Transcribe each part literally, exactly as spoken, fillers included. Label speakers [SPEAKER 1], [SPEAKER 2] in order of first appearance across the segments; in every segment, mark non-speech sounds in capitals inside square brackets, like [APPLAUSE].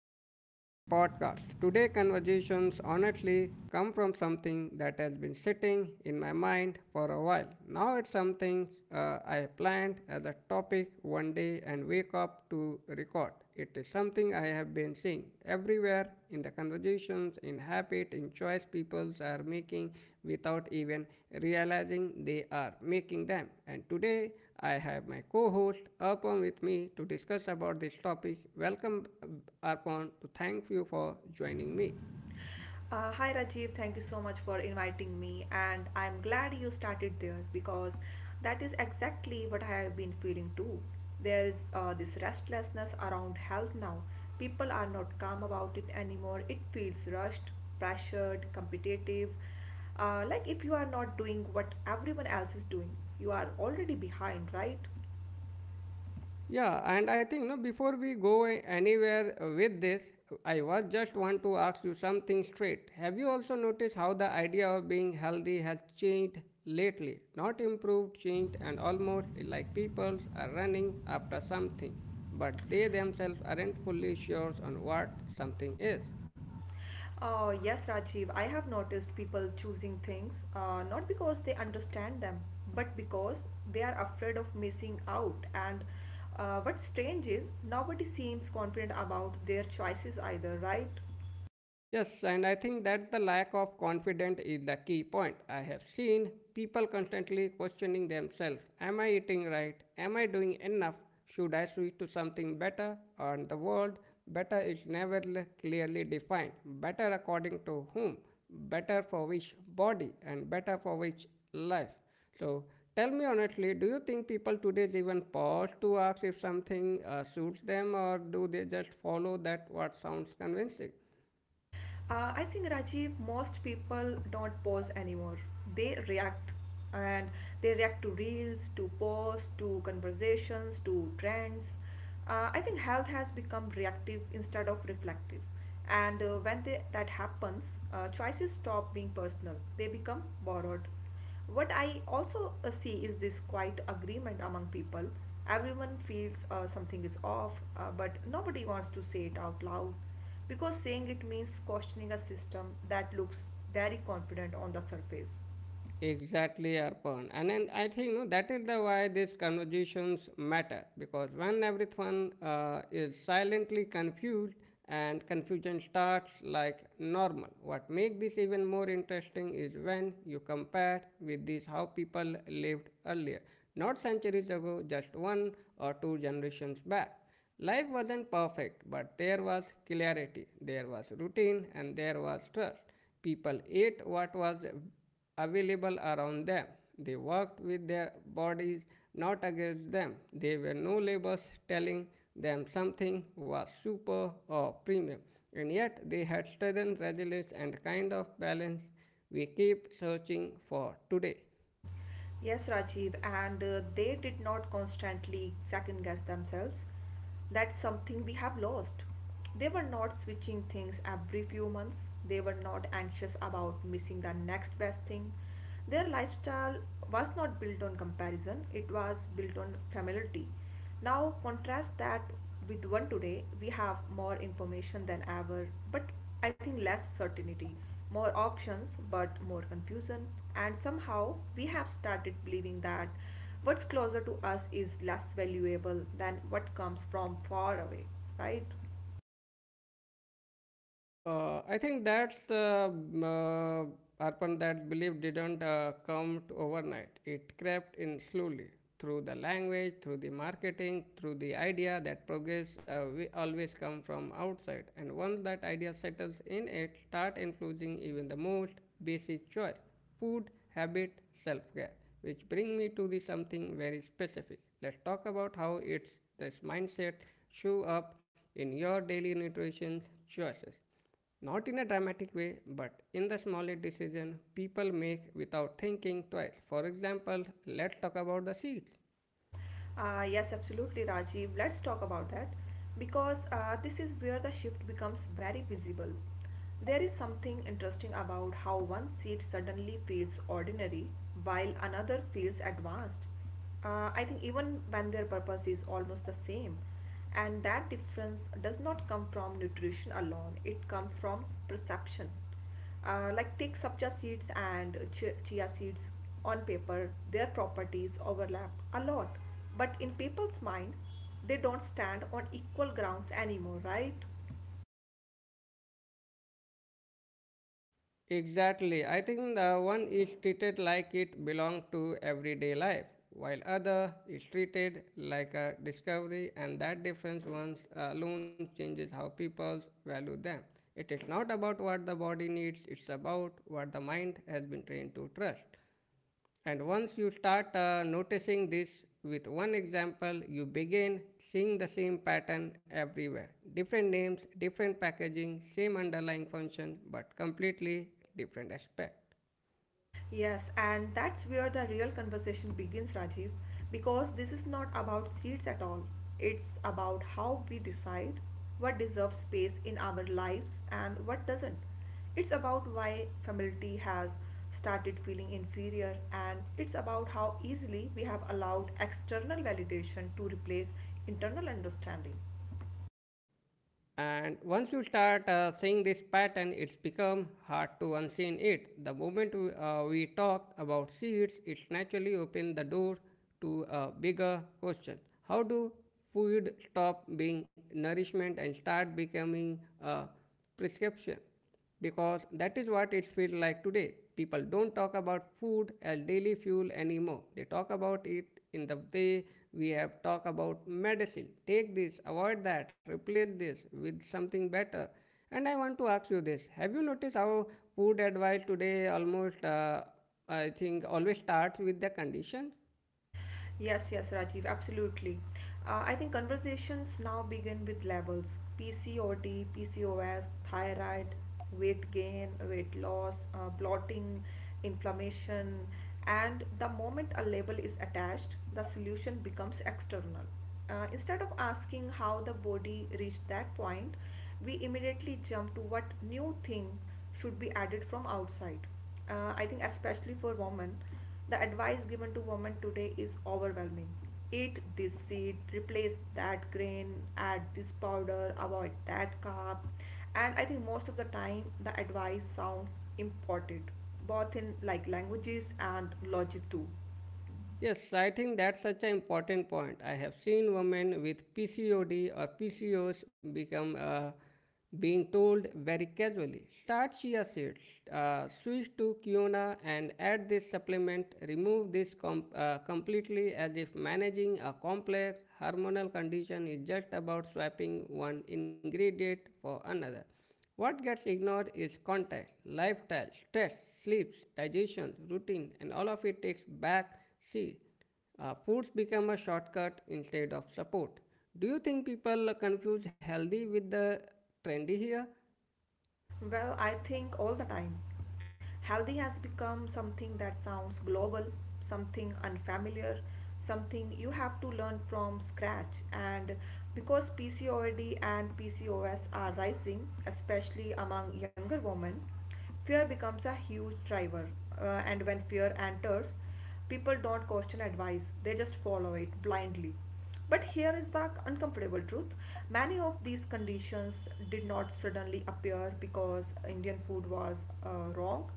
[SPEAKER 1] welcome back to the podcast. Today conversations honestly come from something that has been sitting in my mind for a while. Now it's something uh, I planned as a topic one day and wake up to record. It is something I have been seeing everywhere in the conversations, in habit, in choice people are making without even realizing they are making them. And today I have my co-host Arpan with me to discuss about this topic. Welcome, uh, Arpan, to thank you for joining me.
[SPEAKER 2] Uh, hi Rajiv, thank you so much for inviting me, and I'm glad you started there because that is exactly what I have been feeling too. There is uh, this restlessness around health now. People are not calm about it anymore. It feels rushed, pressured, competitive. Uh, like if you are not doing what everyone else is doing, you are already behind, right?
[SPEAKER 1] Yeah, and I think no before we go a- anywhere uh, with this, I was just want to ask you something straight. Have you also noticed how the idea of being healthy has changed lately? Not improved, changed, and almost like people are running after something, but they themselves aren't fully sure on what something is.
[SPEAKER 2] Oh, yes, Rajiv. I have noticed people choosing things uh, not because they understand them, but because they are afraid of missing out. And uh, what's strange is nobody seems confident about their choices either, right?
[SPEAKER 1] Yes, and I think that the lack of confidence is the key point. I have seen people constantly questioning themselves. Am I eating right? Am I doing enough? Should I switch to something better? And the word better is never l- clearly defined. Better according to whom? Better for which body? And better for which life? So tell me honestly, do you think people today even pause to ask if something uh, suits them, or do they just follow that what sounds convincing?
[SPEAKER 2] Uh, I think Rajiv, most people don't pause anymore. They react and they react to reels, to posts, to conversations, to trends. Uh, I think health has become reactive instead of reflective. And uh, when they, that happens, uh, choices stop being personal, they become borrowed. What I also uh, see is this quiet agreement among people. Everyone feels uh, something is off, uh, but nobody wants to say it out loud because saying it means questioning a system that looks very confident on the surface.
[SPEAKER 1] Exactly, Arpan. And then I think no, that is the why these conversations matter, because when everyone uh, is silently confused and confusion starts like normal. What makes this even more interesting is when you compare with this how people lived earlier, not centuries ago, just one or two generations back. Life wasn't perfect, but there was clarity, there was routine, and there was trust. People ate what was available around them. They worked with their bodies, not against them. There were no labels telling them something was super or premium, and yet they had strength, resilience, and kind of balance we keep searching for today.
[SPEAKER 2] Yes, Rajiv, and uh, they did not constantly second guess themselves. That's something we have lost. They were not switching things every few months, they were not anxious about missing the next best thing. Their lifestyle was not built on comparison, it was built on familiarity. Now, contrast that with one today, we have more information than ever, but I think less certainty, more options, but more confusion. And somehow, we have started believing that what's closer to us is less valuable than what comes from far away, right?
[SPEAKER 1] Uh, I think that's the um, uh, Arpan, that belief didn't uh, come to overnight. It crept in slowly through the language, through the marketing, through the idea that progress uh, we always come from outside. And once that idea settles in, it start influencing even the most basic choice, food, habit, self-care. Which bring me to the something very specific. Let's talk about how it's this mindset show up in your daily nutrition choices, not in a dramatic way, but in the smallest decision people make without thinking twice. For example, let's talk about the seats.
[SPEAKER 2] Uh, yes, absolutely, Rajiv. Let's talk about that because uh, this is where the shift becomes very visible. There is something interesting about how one seat suddenly feels ordinary while another feels advanced. Uh, I think even when their purpose is almost the same. And that difference does not come from nutrition alone, it comes from perception. Uh, like take sapja seeds and chia seeds on paper, their properties overlap a lot, but in people's minds, they don't stand on equal grounds anymore, right?
[SPEAKER 1] Exactly. I think the one is treated like it belongs to everyday life, while other is treated like a discovery, and that difference once alone changes how people value them. It is not about what the body needs, it's about what the mind has been trained to trust. And once you start uh, noticing this with one example, you begin seeing the same pattern everywhere. Different names, different packaging, same underlying function, but completely different aspect.
[SPEAKER 2] Yes, and that's where the real conversation begins, Rajiv, because this is not about seats at all. It's about how we decide what deserves space in our lives and what doesn't. It's about why femininity has started feeling inferior, and it's about how easily we have allowed external validation to replace internal understanding.
[SPEAKER 1] And once you start uh, seeing this pattern, it's become hard to unseen it. The moment we, uh, we talked about seeds, it naturally opened the door to a bigger question. How do food stop being nourishment and start becoming a prescription? Because that is what it feels like today. People don't talk about food as daily fuel anymore. They talk about it in the way we have talked about medicine. Take this, avoid that, replace this with something better. And I want to ask you this: have you noticed how food advice today almost, uh, I think, always starts with the condition?
[SPEAKER 2] Yes, yes, Rajiv, absolutely. Uh, I think conversations now begin with labels P C O D, P C O S, thyroid, weight gain, weight loss, uh, bloating, inflammation. And the moment a label is attached, the solution becomes external. Uh, instead of asking how the body reached that point, we immediately jump to what new thing should be added from outside. Uh, I think, especially for women. The advice given to women today is overwhelming. Eat this seed, replace that grain, add this powder, avoid that carb. And I think most of the time the advice sounds important, both in like languages and logic too.
[SPEAKER 1] Yes, I think that's such an important point. I have seen women with P C O D or P C O S become uh, being told very casually, start chia seeds, uh, switch to quinoa, and add this supplement. Remove this com- uh, completely, as if managing a complex hormonal condition is just about swapping one ingredient for another. What gets ignored is context, lifestyle, stress, sleep, digestion, routine, and all of it takes back seat. Uh, foods become a shortcut instead of support. Do you think people confuse healthy with the trendy here?
[SPEAKER 2] Well, I think all the time. Healthy has become something that sounds global, something unfamiliar, something you have to learn from scratch. And because P C O D and P C O S are rising, especially among younger women, fear becomes a huge driver. Uh, and when fear enters, people don't question advice, they just follow it blindly. But here is the uncomfortable truth: many of these conditions did not suddenly appear because Indian food was uh, wrong.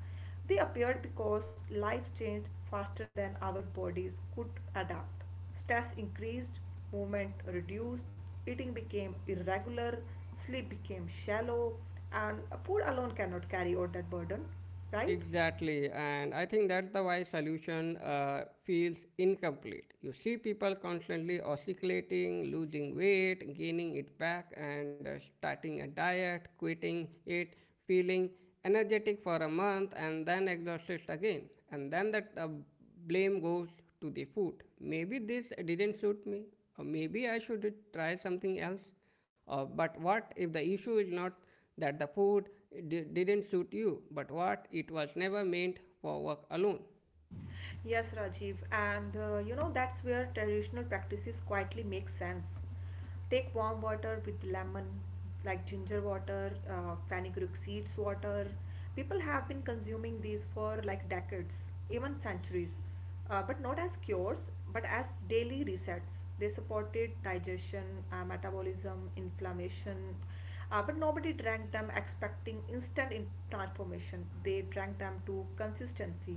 [SPEAKER 2] They appeared because life changed faster than our bodies could adapt. Stress increased, movement reduced, eating became irregular, sleep became shallow, and food alone cannot carry out that burden, right?
[SPEAKER 1] Exactly, and I think that's the why solution uh, feels incomplete. You see people constantly oscillating, losing weight, gaining it back, and uh, starting a diet, quitting it, feeling energetic for a month, and then exhausted again. And then that uh, blame goes to the food. Maybe this didn't suit me, or maybe I should try something else. Uh, but what if the issue is not that the food di- didn't suit you, but what it was never meant for work alone?
[SPEAKER 2] Yes, Rajiv, and uh, you know that's where traditional practices quietly make sense. Take warm water with lemon, like ginger water, uh, fenugreek seeds water. People have been consuming these for like decades, even centuries, uh, but not as cures, but as daily resets. They supported digestion, uh, metabolism, inflammation, uh, but nobody drank them expecting instant in transformation. They drank them to consistency.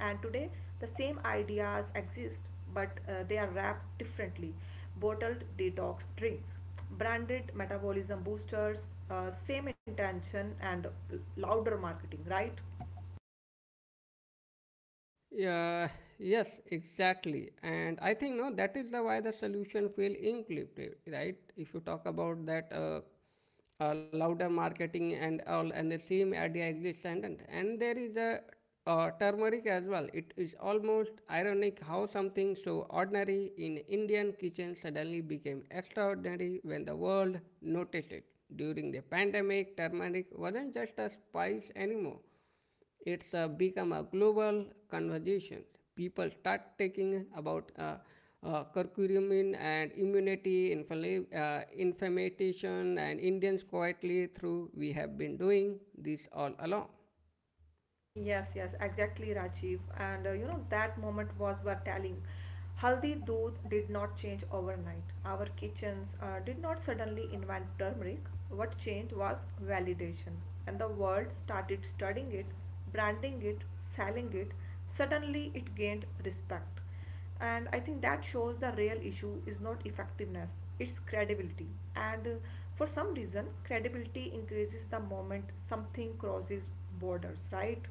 [SPEAKER 2] And today the same ideas exist, but uh, they are wrapped differently: bottled detox drinks, branded metabolism boosters, uh, same intention and uh, louder marketing, right?
[SPEAKER 1] Yeah, yes, exactly. And I think no, that is the why the solution feel incomplete, right? If you talk about that uh, uh, louder marketing and all, and the same idea exists, and and and there is a uh, turmeric as well. It is almost ironic how something so ordinary in Indian kitchen suddenly became extraordinary when the world noticed it. During the pandemic, turmeric wasn't just a spice anymore, it's uh, become a global conversation. People start taking about uh, uh, curcumin and immunity, infl- uh, inflammation, and Indians quietly through we have been doing this all along.
[SPEAKER 2] Yes, yes, exactly, Rajiv. And uh, you know, that moment was worth telling. Haldi doodh did not change overnight. Our kitchens uh, did not suddenly invent turmeric. What changed was validation. And the world started studying it, branding it, selling it. Suddenly, it gained respect, and I think that shows the real issue is not effectiveness, it's credibility. And uh, for some reason credibility increases the moment something crosses borders, right?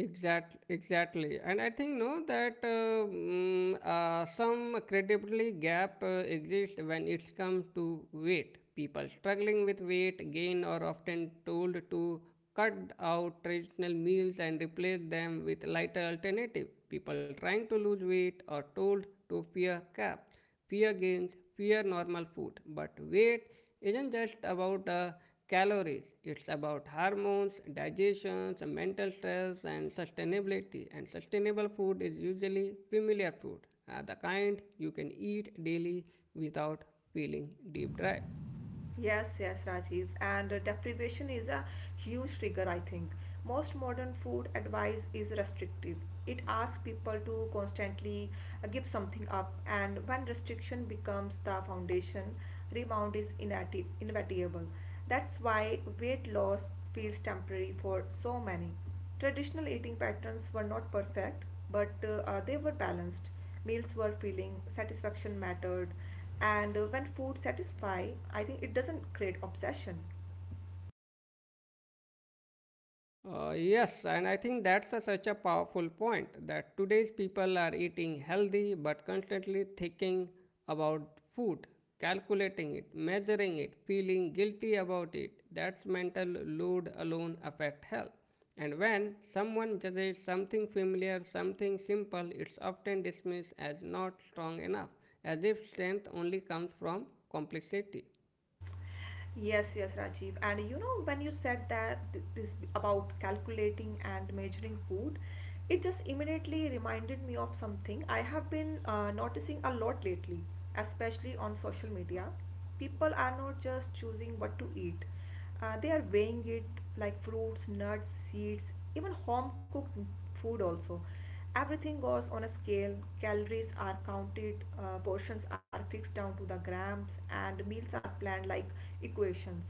[SPEAKER 1] Exact, exactly, and I think no that uh, mm, uh, some credibility gap uh, exists when it comes to weight. People struggling with weight gain are often told to cut out traditional meals and replace them with lighter alternative. People trying to lose weight are told to fear carbs, fear gains, fear normal food. But weight isn't just about the calories, it's about hormones, digestions, mental stress, and sustainability. And sustainable food is usually familiar food, uh, the kind you can eat daily without feeling deep dry.
[SPEAKER 2] Yes, yes, Rajiv. And uh, deprivation is a huge trigger, I think. Most modern food advice is restrictive. It asks people to constantly uh, give something up, and when restriction becomes the foundation, rebound is inati- inevitable. That's why weight loss feels temporary for so many. Traditional eating patterns were not perfect, but uh, uh, they were balanced. Meals were filling, satisfaction mattered, and uh, when food satisfies, I think it doesn't create obsession.
[SPEAKER 1] Uh, yes, and I think that's a, such a powerful point that today's people are eating healthy but constantly thinking about food, calculating it, measuring it, feeling guilty about it. That's mental load alone affect health. And when someone judges something familiar, something simple, it's often dismissed as not strong enough, as if strength only comes from complexity.
[SPEAKER 2] Yes, yes, Rajiv, and you know when you said that th- this about calculating and measuring food, it just immediately reminded me of something I have been uh, noticing a lot lately, especially on social media. People are not just choosing what to eat. Uh, they are weighing it, like fruits, nuts, seeds, even home cooked food also. Everything goes on a scale. Calories are counted, uh, portions are fixed down to the grams, and meals are planned like equations.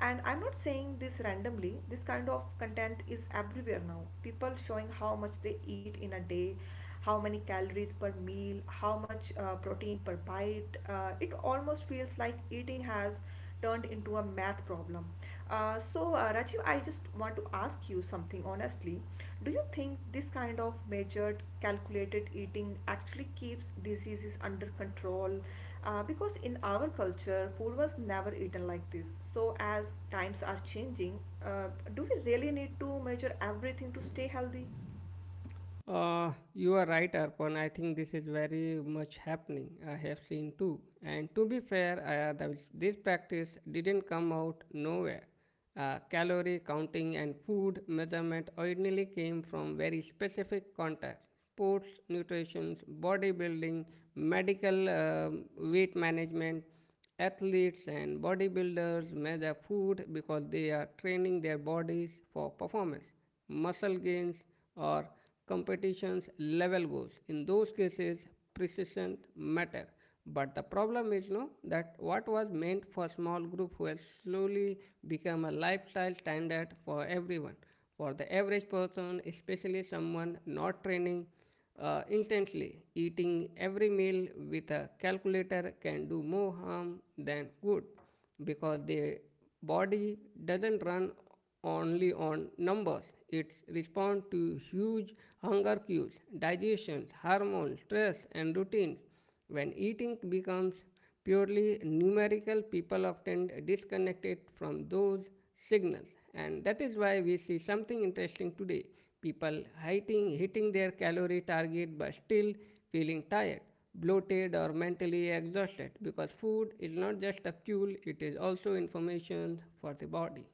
[SPEAKER 2] And I'm not saying this randomly. This kind of content is everywhere now. People showing how much they eat in a day, how many calories per meal, how much uh, protein per bite. Uh, it almost feels like eating has turned into a math problem. Uh, so, uh, Rajiv, I just want to ask you something honestly. Do you think this kind of measured, calculated eating actually keeps diseases under control? Uh, because in our culture, food was never eaten like this. So, as times are changing, uh, do we really need to measure everything to stay healthy?
[SPEAKER 1] Uh, you are right, Arpan. I think this is very much happening. I have seen too. And to be fair, uh, the, this practice didn't come out nowhere. Uh, calorie counting and food measurement originally came from very specific contexts: sports, nutrition, bodybuilding, medical um weight management. Athletes and bodybuilders measure food because they are training their bodies for performance, muscle gains, or competition's level goals. In those cases, precision matter. But the problem is no that what was meant for small group will slowly become a lifestyle standard for everyone. For the average person, especially someone not training uh, intensely, eating every meal with a calculator can do more harm than good, because the body doesn't run only on numbers. It responds to huge hunger cues, digestion, hormones, stress, and routines. When eating becomes purely numerical, people often disconnect it from those signals. And that is why we see something interesting today. People hitting, hitting their calorie target but still feeling tired, bloated, or mentally exhausted, because food is not just a fuel, it is also information for the body.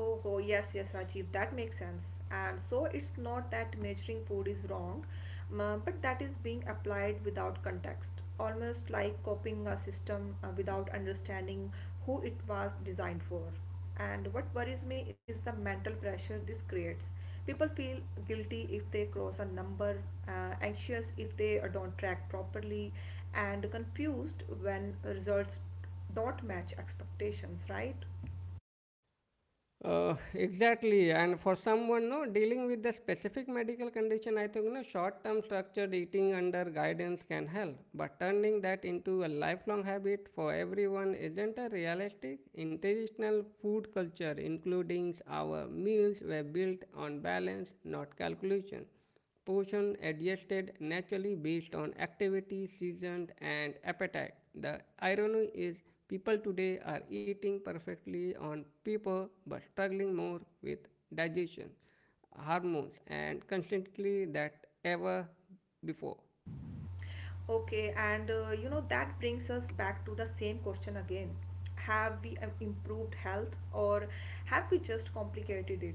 [SPEAKER 2] Oh, oh, yes, yes, Rajiv, that makes sense. And so it's not that measuring food is wrong, m- but that is being applied without context, almost like copying a system uh, without understanding who it was designed for. And what worries me is the mental pressure this creates. People feel guilty if they cross a number, uh, anxious if they uh, don't track properly, and confused when results don't match expectations, right?
[SPEAKER 1] Uh, exactly, and for someone no dealing with the specific medical condition, I think no short-term structured eating under guidance can help. But turning that into a lifelong habit for everyone isn't a realistic. International food culture, including our meals, were built on balance, not calculation. Portion adjusted naturally based on activity, season, and appetite. The irony is people today are eating perfectly on paper but struggling more with digestion, hormones, and constantly that ever before.
[SPEAKER 2] Okay, and uh, you know that brings us back to the same question again. Have we um, improved health, or have we just complicated it?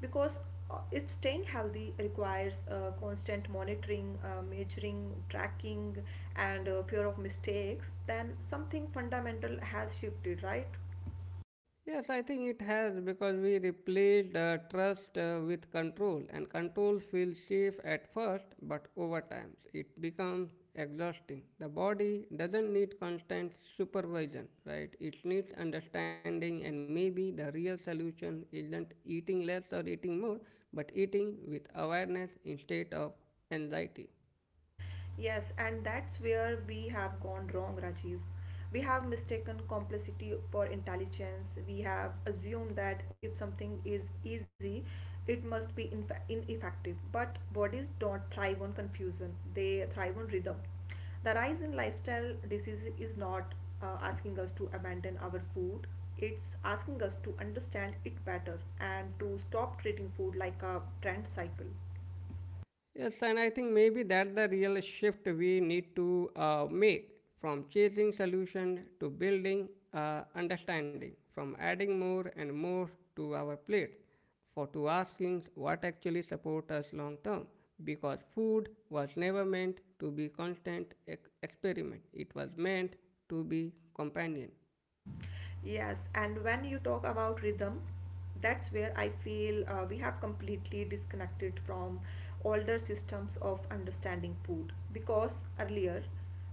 [SPEAKER 2] Because uh, if staying healthy requires uh, constant monitoring, uh, measuring, tracking, and uh, fear of mistakes, then something fundamental has shifted, right?
[SPEAKER 1] Yes, I think it has, because we replaced uh, trust uh, with control, and control feels safe at first, but over time it becomes exhausting. The body doesn't need constant supervision, right? It needs understanding, and maybe the real solution isn't eating less or eating more, but eating with awareness instead of anxiety.
[SPEAKER 2] Yes, and that's where we have gone wrong, Rajiv. We have mistaken complexity for intelligence. We have assumed that if something is easy, it must be infa- ineffective. But bodies don't thrive on confusion, they thrive on rhythm. The rise in lifestyle diseases is not uh, asking us to abandon our food, it's asking us to understand it better and to stop treating food like a trend cycle.
[SPEAKER 1] Yes, and I think maybe that's the real shift we need to uh, make, from chasing solution to building uh, understanding, from adding more and more to our plate, for to asking what actually support us long term. Because food was never meant to be constant ex- experiment; it was meant to be companion.
[SPEAKER 2] Yes, and when you talk about rhythm, that's where I feel uh, we have completely disconnected from older systems of understanding food, because earlier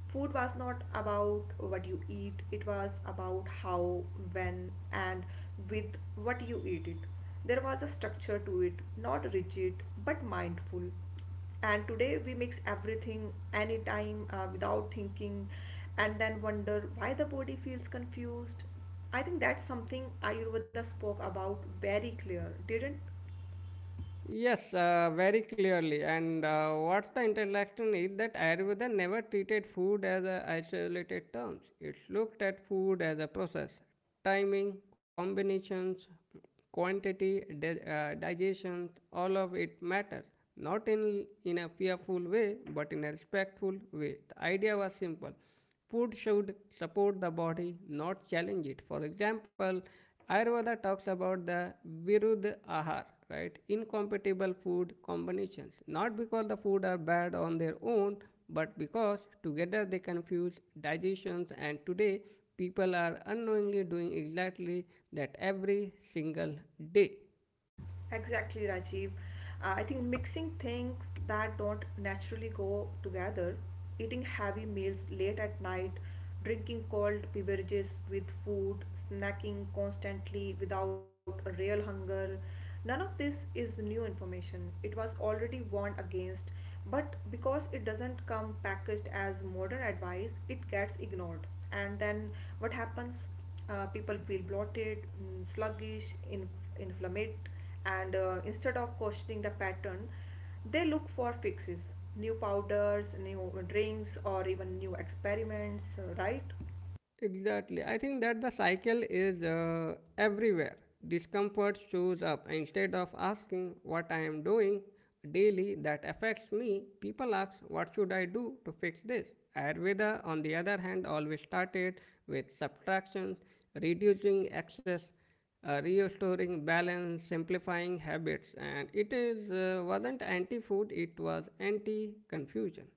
[SPEAKER 2] food was not about what you eat, it was about how, when, and with what you eat it. There was a structure to it, not rigid but mindful, and today we mix everything anytime uh, without thinking and then wonder why the body feels confused. I think that's something Ayurveda spoke about very clear, didn't.
[SPEAKER 1] Yes, uh, very clearly. And uh, what the interaction is that Ayurveda never treated food as a isolated terms. It looked at food as a process, timing, combinations, quantity, di- uh, digestion. All of it matters, not in in a fearful way, but in a respectful way. The idea was simple. Food should support the body, not challenge it. For example, Ayurveda talks about the virudh ahar, right? Incompatible food combinations. Not because the food are bad on their own, but because together they confuse digestions. And today, people are unknowingly doing exactly that every single day.
[SPEAKER 2] Exactly, Rajiv. Uh, I think mixing things that don't naturally go together, eating heavy meals late at night, drinking cold beverages with food, snacking constantly without a real hunger, none of this is new information. It was already warned against, but because it doesn't come packaged as modern advice it gets ignored. And then what happens, uh, people feel bloated, mm, sluggish, in, inflamed, and uh, instead of questioning the pattern they look for fixes: new powders, new drinks, or even new experiments, uh, right?
[SPEAKER 1] Exactly. I think that the cycle is uh, everywhere. Discomfort shows up. Instead of asking what I am doing daily that affects me, people ask, "What should I do to fix this?" Ayurveda, on the other hand, always started with subtractions, reducing excess, uh, restoring balance, simplifying habits, and it is uh, wasn't anti-food; it was anti-confusion.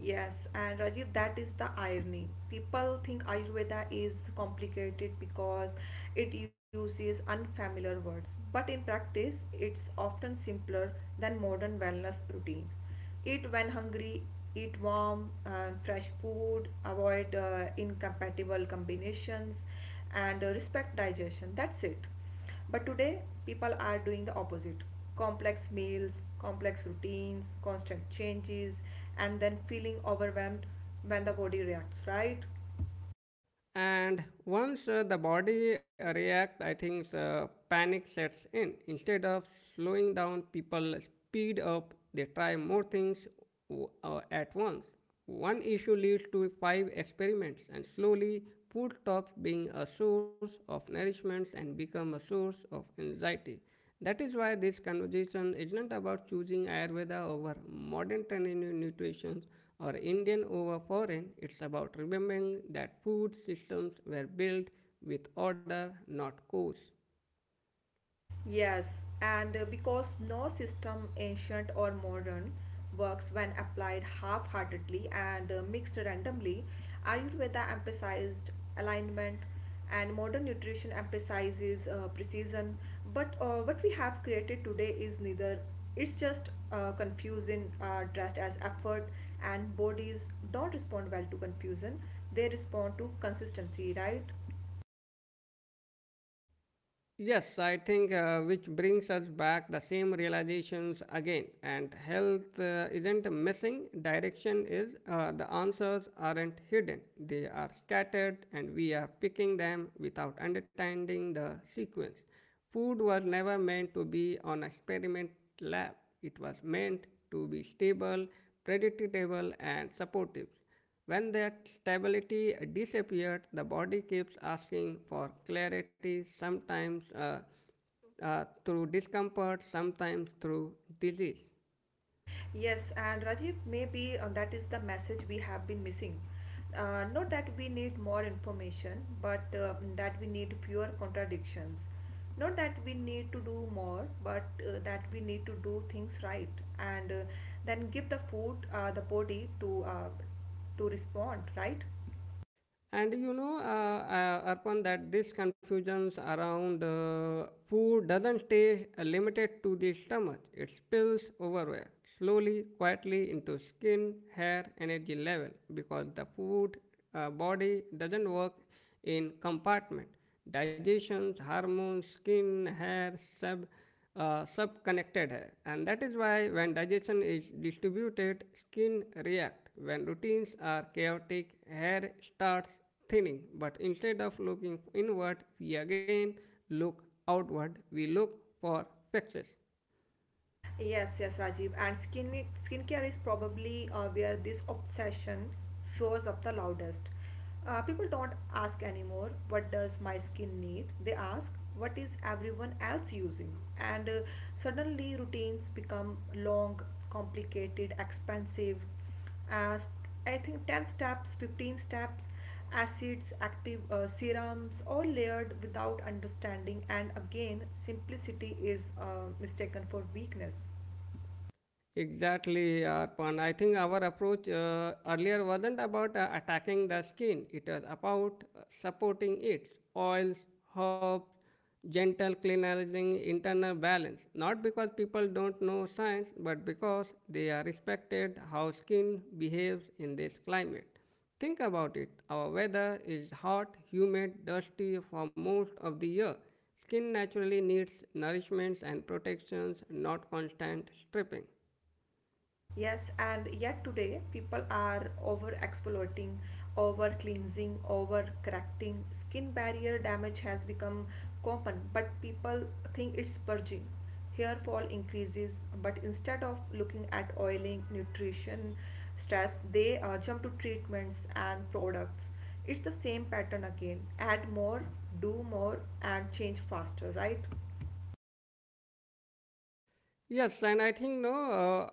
[SPEAKER 2] Yes, and Rajiv, that is the irony. People think Ayurveda is complicated because it uses unfamiliar words, but in practice, it's often simpler than modern wellness routines. Eat when hungry, eat warm, uh, fresh food, avoid uh, incompatible combinations, and uh, respect digestion. That's it. But today, people are doing the opposite: complex meals, complex routines, constant changes, and then feeling overwhelmed when the body reacts, right?
[SPEAKER 1] And once uh, the body reacts, I think uh, panic sets in. Instead of slowing down, people speed up, they try more things uh, at once. One issue leads to five experiments, and slowly, food stops being a source of nourishment and becomes a source of anxiety. That is why this conversation is not about choosing Ayurveda over modern trending in nutrition or Indian over foreign. It's about remembering that food systems were built with order, not codes.
[SPEAKER 2] Yes, and uh, because no system, ancient or modern, works when applied half heartedly and uh, mixed randomly, Ayurveda emphasized alignment and modern nutrition emphasizes uh, precision. But uh, what we have created today is neither, it's just uh, confusing, uh, dressed as effort, and bodies don't respond well to confusion, they respond to consistency, right?
[SPEAKER 1] Yes, I think uh, which brings us back the same realizations again. And health uh, isn't missing, direction is uh, the answers aren't hidden, they are scattered, and we are picking them without understanding the sequence. Food was never meant to be on experiment lab, it was meant to be stable, predictable, and supportive. When that stability disappears, the body keeps asking for clarity, sometimes uh, uh, through discomfort, sometimes through disease.
[SPEAKER 2] Yes, and Rajiv, maybe uh, that is the message we have been missing. Uh, not that we need more information, but uh, that we need fewer contradictions. Not that we need to do more, but uh, that we need to do things right and uh, then give the food, uh, the body to uh, to respond, right?
[SPEAKER 1] And you know, uh, uh, Arpan, that this confusions around uh, food doesn't stay uh, limited to the stomach. It spills overwhere, slowly, quietly into skin, hair, energy level, because the food uh, body doesn't work in compartment. Digestions, hormones, skin, hair, sub uh, subconnected है, and that is why when digestion is distributed, skin react; when routines are chaotic, hair starts thinning. But instead of looking inward, we again look outward, we look for fixes.
[SPEAKER 2] Yes, yes, Rajiv. And skin skincare is probably uh, where this obsession shows up the loudest. Uh, people don't ask anymore, what does my skin need? They ask, what is everyone else using? And uh, suddenly routines become long, complicated, expensive uh, I think ten steps, fifteen steps, acids, active uh, serums, all layered without understanding. And again, simplicity is uh, mistaken for weakness.
[SPEAKER 1] Exactly, Arpan. I think our approach uh, earlier wasn't about uh, attacking the skin, it was about uh, supporting it. Oils, herbs, gentle cleansing, internal balance. Not because people don't know science, but because they are respected how skin behaves in this climate. Think about it. Our weather is hot, humid, dusty for most of the year. Skin naturally needs nourishments and protections, not constant stripping.
[SPEAKER 2] Yes, and yet today people are over exploiting, over cleansing, over correcting. Skin barrier damage has become common, but people think it's purging. Hair fall increases, but instead of looking at oiling, nutrition, stress, they uh, jump to treatments and products. It's the same pattern again. Add more, do more, and change faster, right?
[SPEAKER 1] Yes, and I think no. Uh,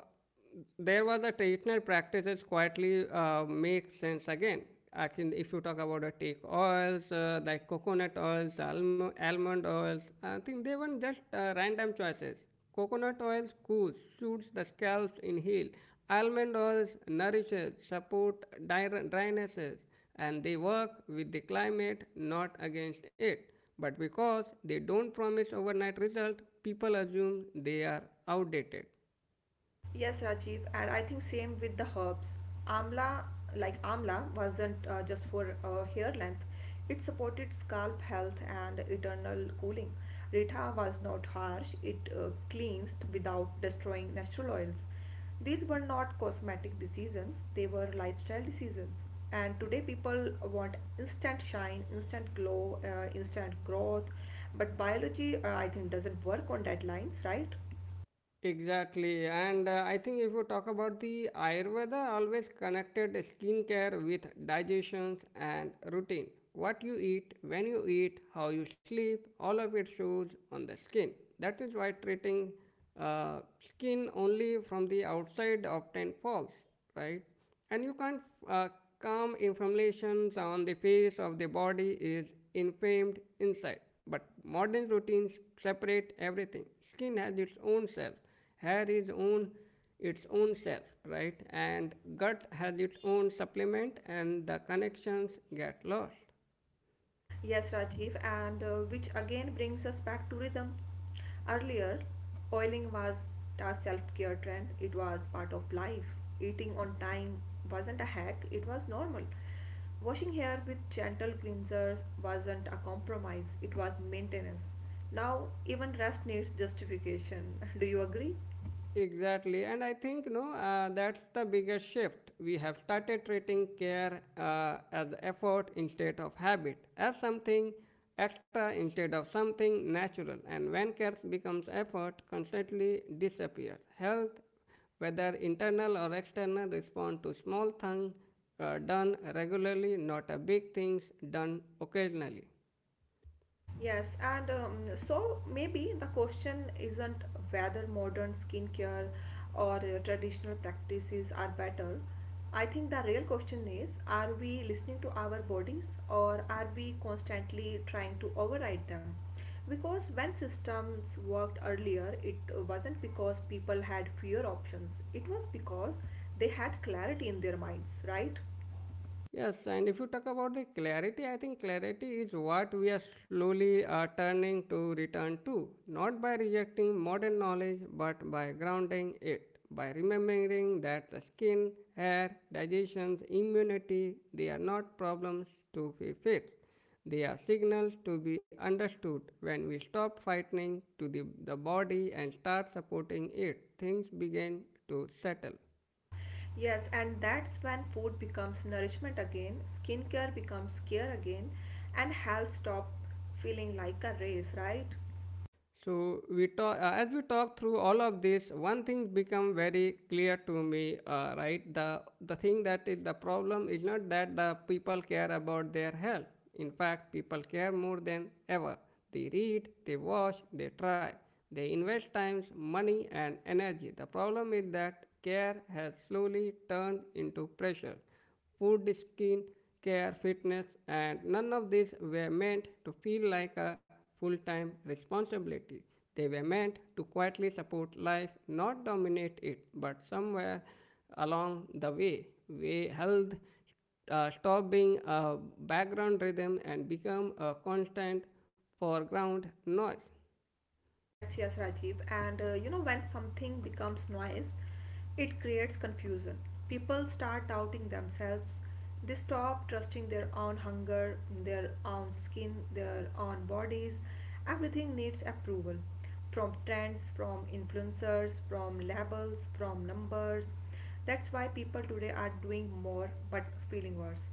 [SPEAKER 1] There was a traditional practices quietly uh, make sense again. I can, if you talk about the take oils, uh, like coconut oils, almo- almond oils, I think they weren't just uh, random choices. Coconut oils cools, suits the scalp in heel. Almond oils nourishes, support dry- drynesses, and they work with the climate, not against it. But because they don't promise overnight result, people assume they are outdated.
[SPEAKER 2] Yes, Rajiv, and I think same with the herbs. Amla, like amla, wasn't uh, just for uh, hair length. It supported scalp health and eternal cooling. Rita was not harsh. It uh, cleansed without destroying natural oils. These were not cosmetic decisions. They were lifestyle decisions. And today people want instant shine, instant glow, uh, instant growth. But biology, uh, I think, doesn't work on deadlines, right?
[SPEAKER 1] Exactly, and uh, I think if you talk about the Ayurveda, always connected skincare with digestions and routine. What you eat, when you eat, how you sleep, all of it shows on the skin. That is why treating uh, skin only from the outside often falls, right? And you can't uh, calm inflammations on the face of the body is inflamed inside. But modern routines separate everything. Skin has its own cell, hair is own its own cell, right? And gut has its own supplement, and the connections get lost.
[SPEAKER 2] Yes, Rajiv, and uh, which again brings us back to rhythm. Earlier, oiling was a self care trend, it was part of life. Eating on time wasn't a hack, it was normal. Washing hair with gentle cleansers wasn't a compromise, it was maintenance. Now, even rest needs justification. [LAUGHS] Do you agree?
[SPEAKER 1] Exactly, and I think no, uh, that's the biggest shift. We have started treating care uh, as effort instead of habit, as something extra instead of something natural. And when care becomes effort, constantly disappears. Health, whether internal or external, respond to small things uh, done regularly, not a big things done occasionally.
[SPEAKER 2] Yes, and um, so maybe the question isn't whether modern skincare or uh, traditional practices are better. I think the real question is, are we listening to our bodies or are we constantly trying to override them? Because when systems worked earlier, it wasn't because people had fewer options, it was because they had clarity in their minds, right?
[SPEAKER 1] Yes, and if you talk about the clarity, I think clarity is what we are slowly uh, turning to return to, not by rejecting modern knowledge, but by grounding it, by remembering that the skin, hair, digestions, immunity, they are not problems to be fixed. They are signals to be understood. When we stop fighting to the, the body and start supporting it, things begin to settle.
[SPEAKER 2] Yes, and that's when food becomes nourishment again, skincare becomes care again, and health stop feeling like a race, right?
[SPEAKER 1] So we talk uh, as we talk through all of this, one thing become very clear to me. Uh, right, the the thing that is the problem is not that the people care about their health. In fact, people care more than ever. They read, they watch, they try, they invest times, money, and energy. The problem is that care has slowly turned into pressure food, skin care, fitness, and none of these were meant to feel like a full time responsibility. They were meant to quietly support life, not dominate it, but somewhere along the way, we held uh, stop being a background rhythm and become a constant foreground noise.
[SPEAKER 2] Yes, yes, Rajiv. And uh, you know, when something becomes noise, it creates confusion. People start doubting themselves. They stop trusting their own hunger, their own skin, their own bodies. Everything needs approval from trends, from influencers, from labels, from numbers. That's why people today are doing more but feeling worse.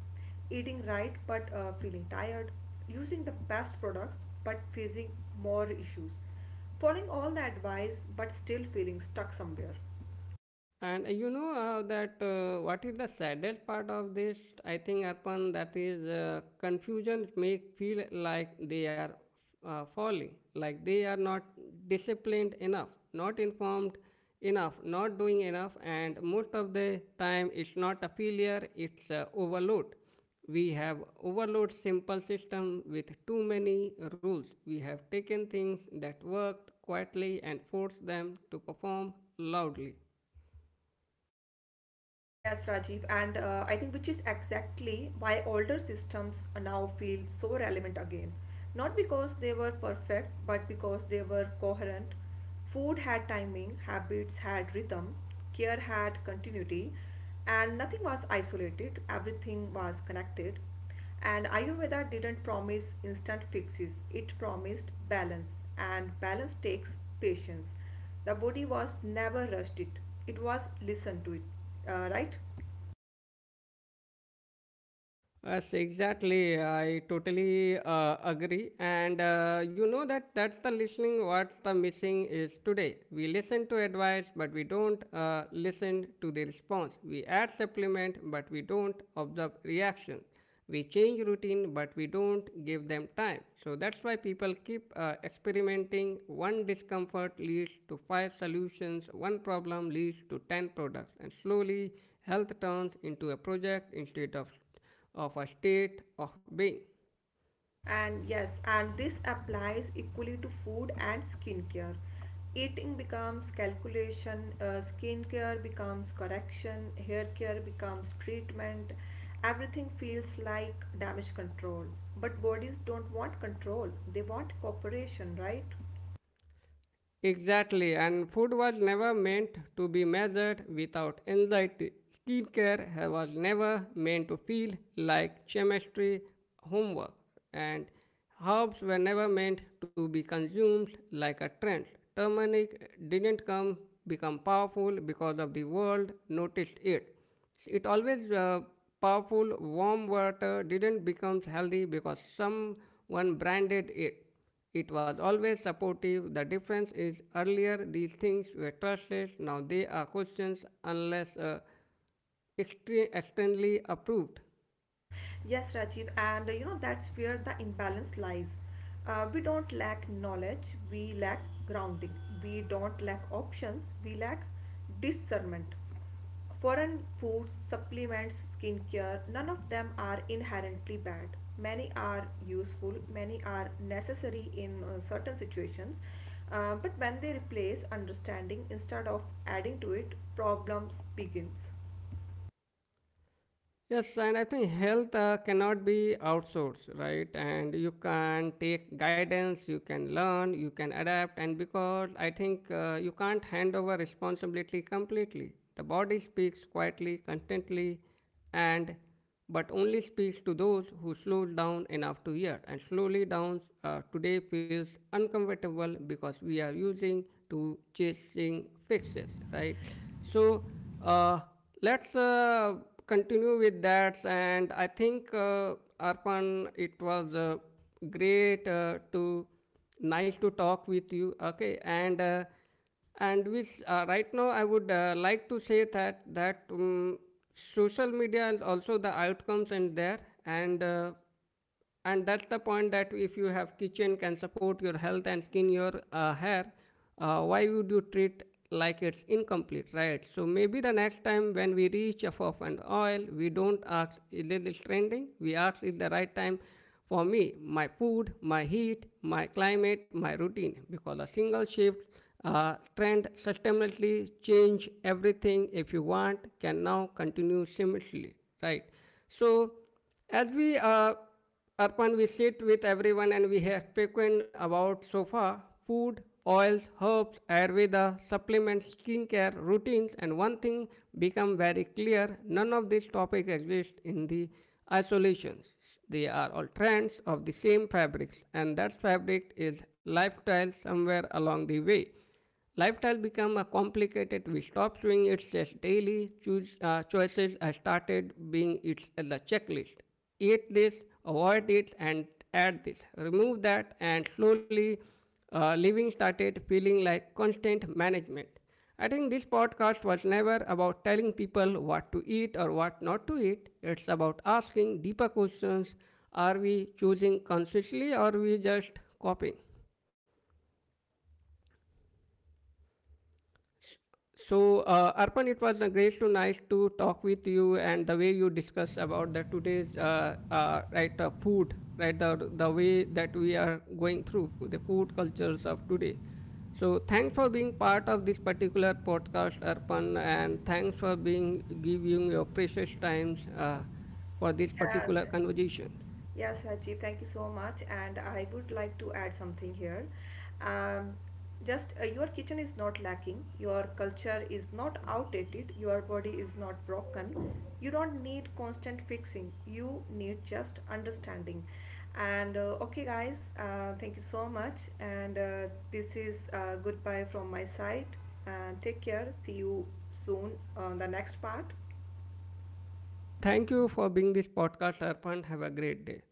[SPEAKER 2] Eating right but uh, feeling tired. Using the best products but facing more issues. Following all the advice, but still feeling stuck somewhere.
[SPEAKER 1] And uh, you know uh, that uh, what is the saddest part of this? I think, Arpan, that is uh, confusion make feel like they are uh, falling, like they are not disciplined enough, not informed enough, not doing enough, and most of the time it's not a failure, it's uh, overload. We have overload simple system with too many rules. We have taken things that worked quietly and forced them to perform loudly.
[SPEAKER 2] Yes, Rajiv, and uh, I think which is exactly why older systems now feel so relevant again. Not because they were perfect, but because they were coherent. Food had timing, habits had rhythm, care had continuity, and nothing was isolated, everything was connected. And Ayurveda didn't promise instant fixes, it promised balance, and balance takes patience. The body was never rushed it, it was listened to it, uh, right?
[SPEAKER 1] Yes, exactly. I totally uh, agree. And uh, you know that that's the listening what's the missing is today. We listen to advice, but we don't uh, listen to the response. We add supplement, but we don't observe reaction. We change routine, but we don't give them time. So that's why people keep uh, experimenting. One discomfort leads to five solutions, one problem leads to ten products, and slowly health turns into a project instead of of a state of being.
[SPEAKER 2] And yes, and this applies equally to food and skincare. Eating becomes calculation, uh, skincare becomes correction, hair care becomes treatment. Everything feels like damage control. But bodies don't want control, they want cooperation, right?
[SPEAKER 1] Exactly, and food was never meant to be measured without anxiety. Skincare was never meant to feel like chemistry homework, and herbs were never meant to be consumed like a trend. Turmeric didn't come become powerful because of the world noticed it. It always uh, powerful warm water didn't become healthy because someone branded it. It was always supportive. The difference is earlier these things were trusted, now they are questions unless uh, externally approved.
[SPEAKER 2] Yes, Rajiv, and uh, you know that's where the imbalance lies. Uh, we don't lack knowledge, we lack grounding. We don't lack options, we lack discernment. Foreign foods, supplements, skincare, none of them are inherently bad. Many are useful, many are necessary in uh, certain situations. Uh, but when they replace understanding instead of adding to it, problems begins.
[SPEAKER 1] Yes, and I think health uh, cannot be outsourced, right? And you can take guidance, you can learn, you can adapt, and because I think uh, you can't hand over responsibility completely. The body speaks quietly, constantly, and but only speaks to those who slows down enough to hear. And slowly down uh, today feels uncomfortable because we are using to chasing fixes, right? So uh, let's uh, continue with that. And I think, uh, Arpan, it was uh, great uh, to nice to talk with you. Okay, and uh, and which uh, right now I would uh, like to say that that um, social media is also the outcomes in there, and uh, and that's the point that if you have kitchen can support your health and skin your uh, hair, uh, why would you treat like it's incomplete, right? So maybe the next time when we reach a off and oil, we don't ask is this trending, we ask is the right time for me, my food, my heat, my climate, my routine, because a single shift uh, trend sustainably change everything if you want can now continue seamlessly, right? So as we uh, Arpan, we sit with everyone and we have spoken about so far food, oils, herbs, Ayurveda, supplements, skincare, routines, and one thing become very clear, none of these topics exist in the isolation. They are all trends of the same fabrics, and that fabric is lifestyle somewhere along the way. Lifestyle become a complicated. We stop doing it just daily. Choose uh, choices I started being it as a checklist. Eat this, avoid it, and add this. Remove that, and slowly uh, living started feeling like constant management. I think this podcast was never about telling people what to eat or what not to eat. It's about asking deeper questions. Are we choosing consciously or are we just copying? So, uh, Arpan, it was uh, great to nice to talk with you and the way you discussed about the today's uh, uh, right uh, food, right the the way that we are going through the food cultures of today. So, thanks for being part of this particular podcast, Arpan, and thanks for being giving your precious times uh, for this
[SPEAKER 2] Yes.
[SPEAKER 1] particular conversation.
[SPEAKER 2] Yes, Rajiv, thank you so much. And I would like to add something here. Um, just uh, your kitchen is not lacking, your culture is not outdated, your body is not broken. You don't need constant fixing, you need just understanding. And uh, okay, guys, uh, thank you so much. And uh, this is uh, goodbye from my side. And take care. See you soon on the next part.
[SPEAKER 1] Uh, Thank you for being this podcast, Arpan. Have a great day.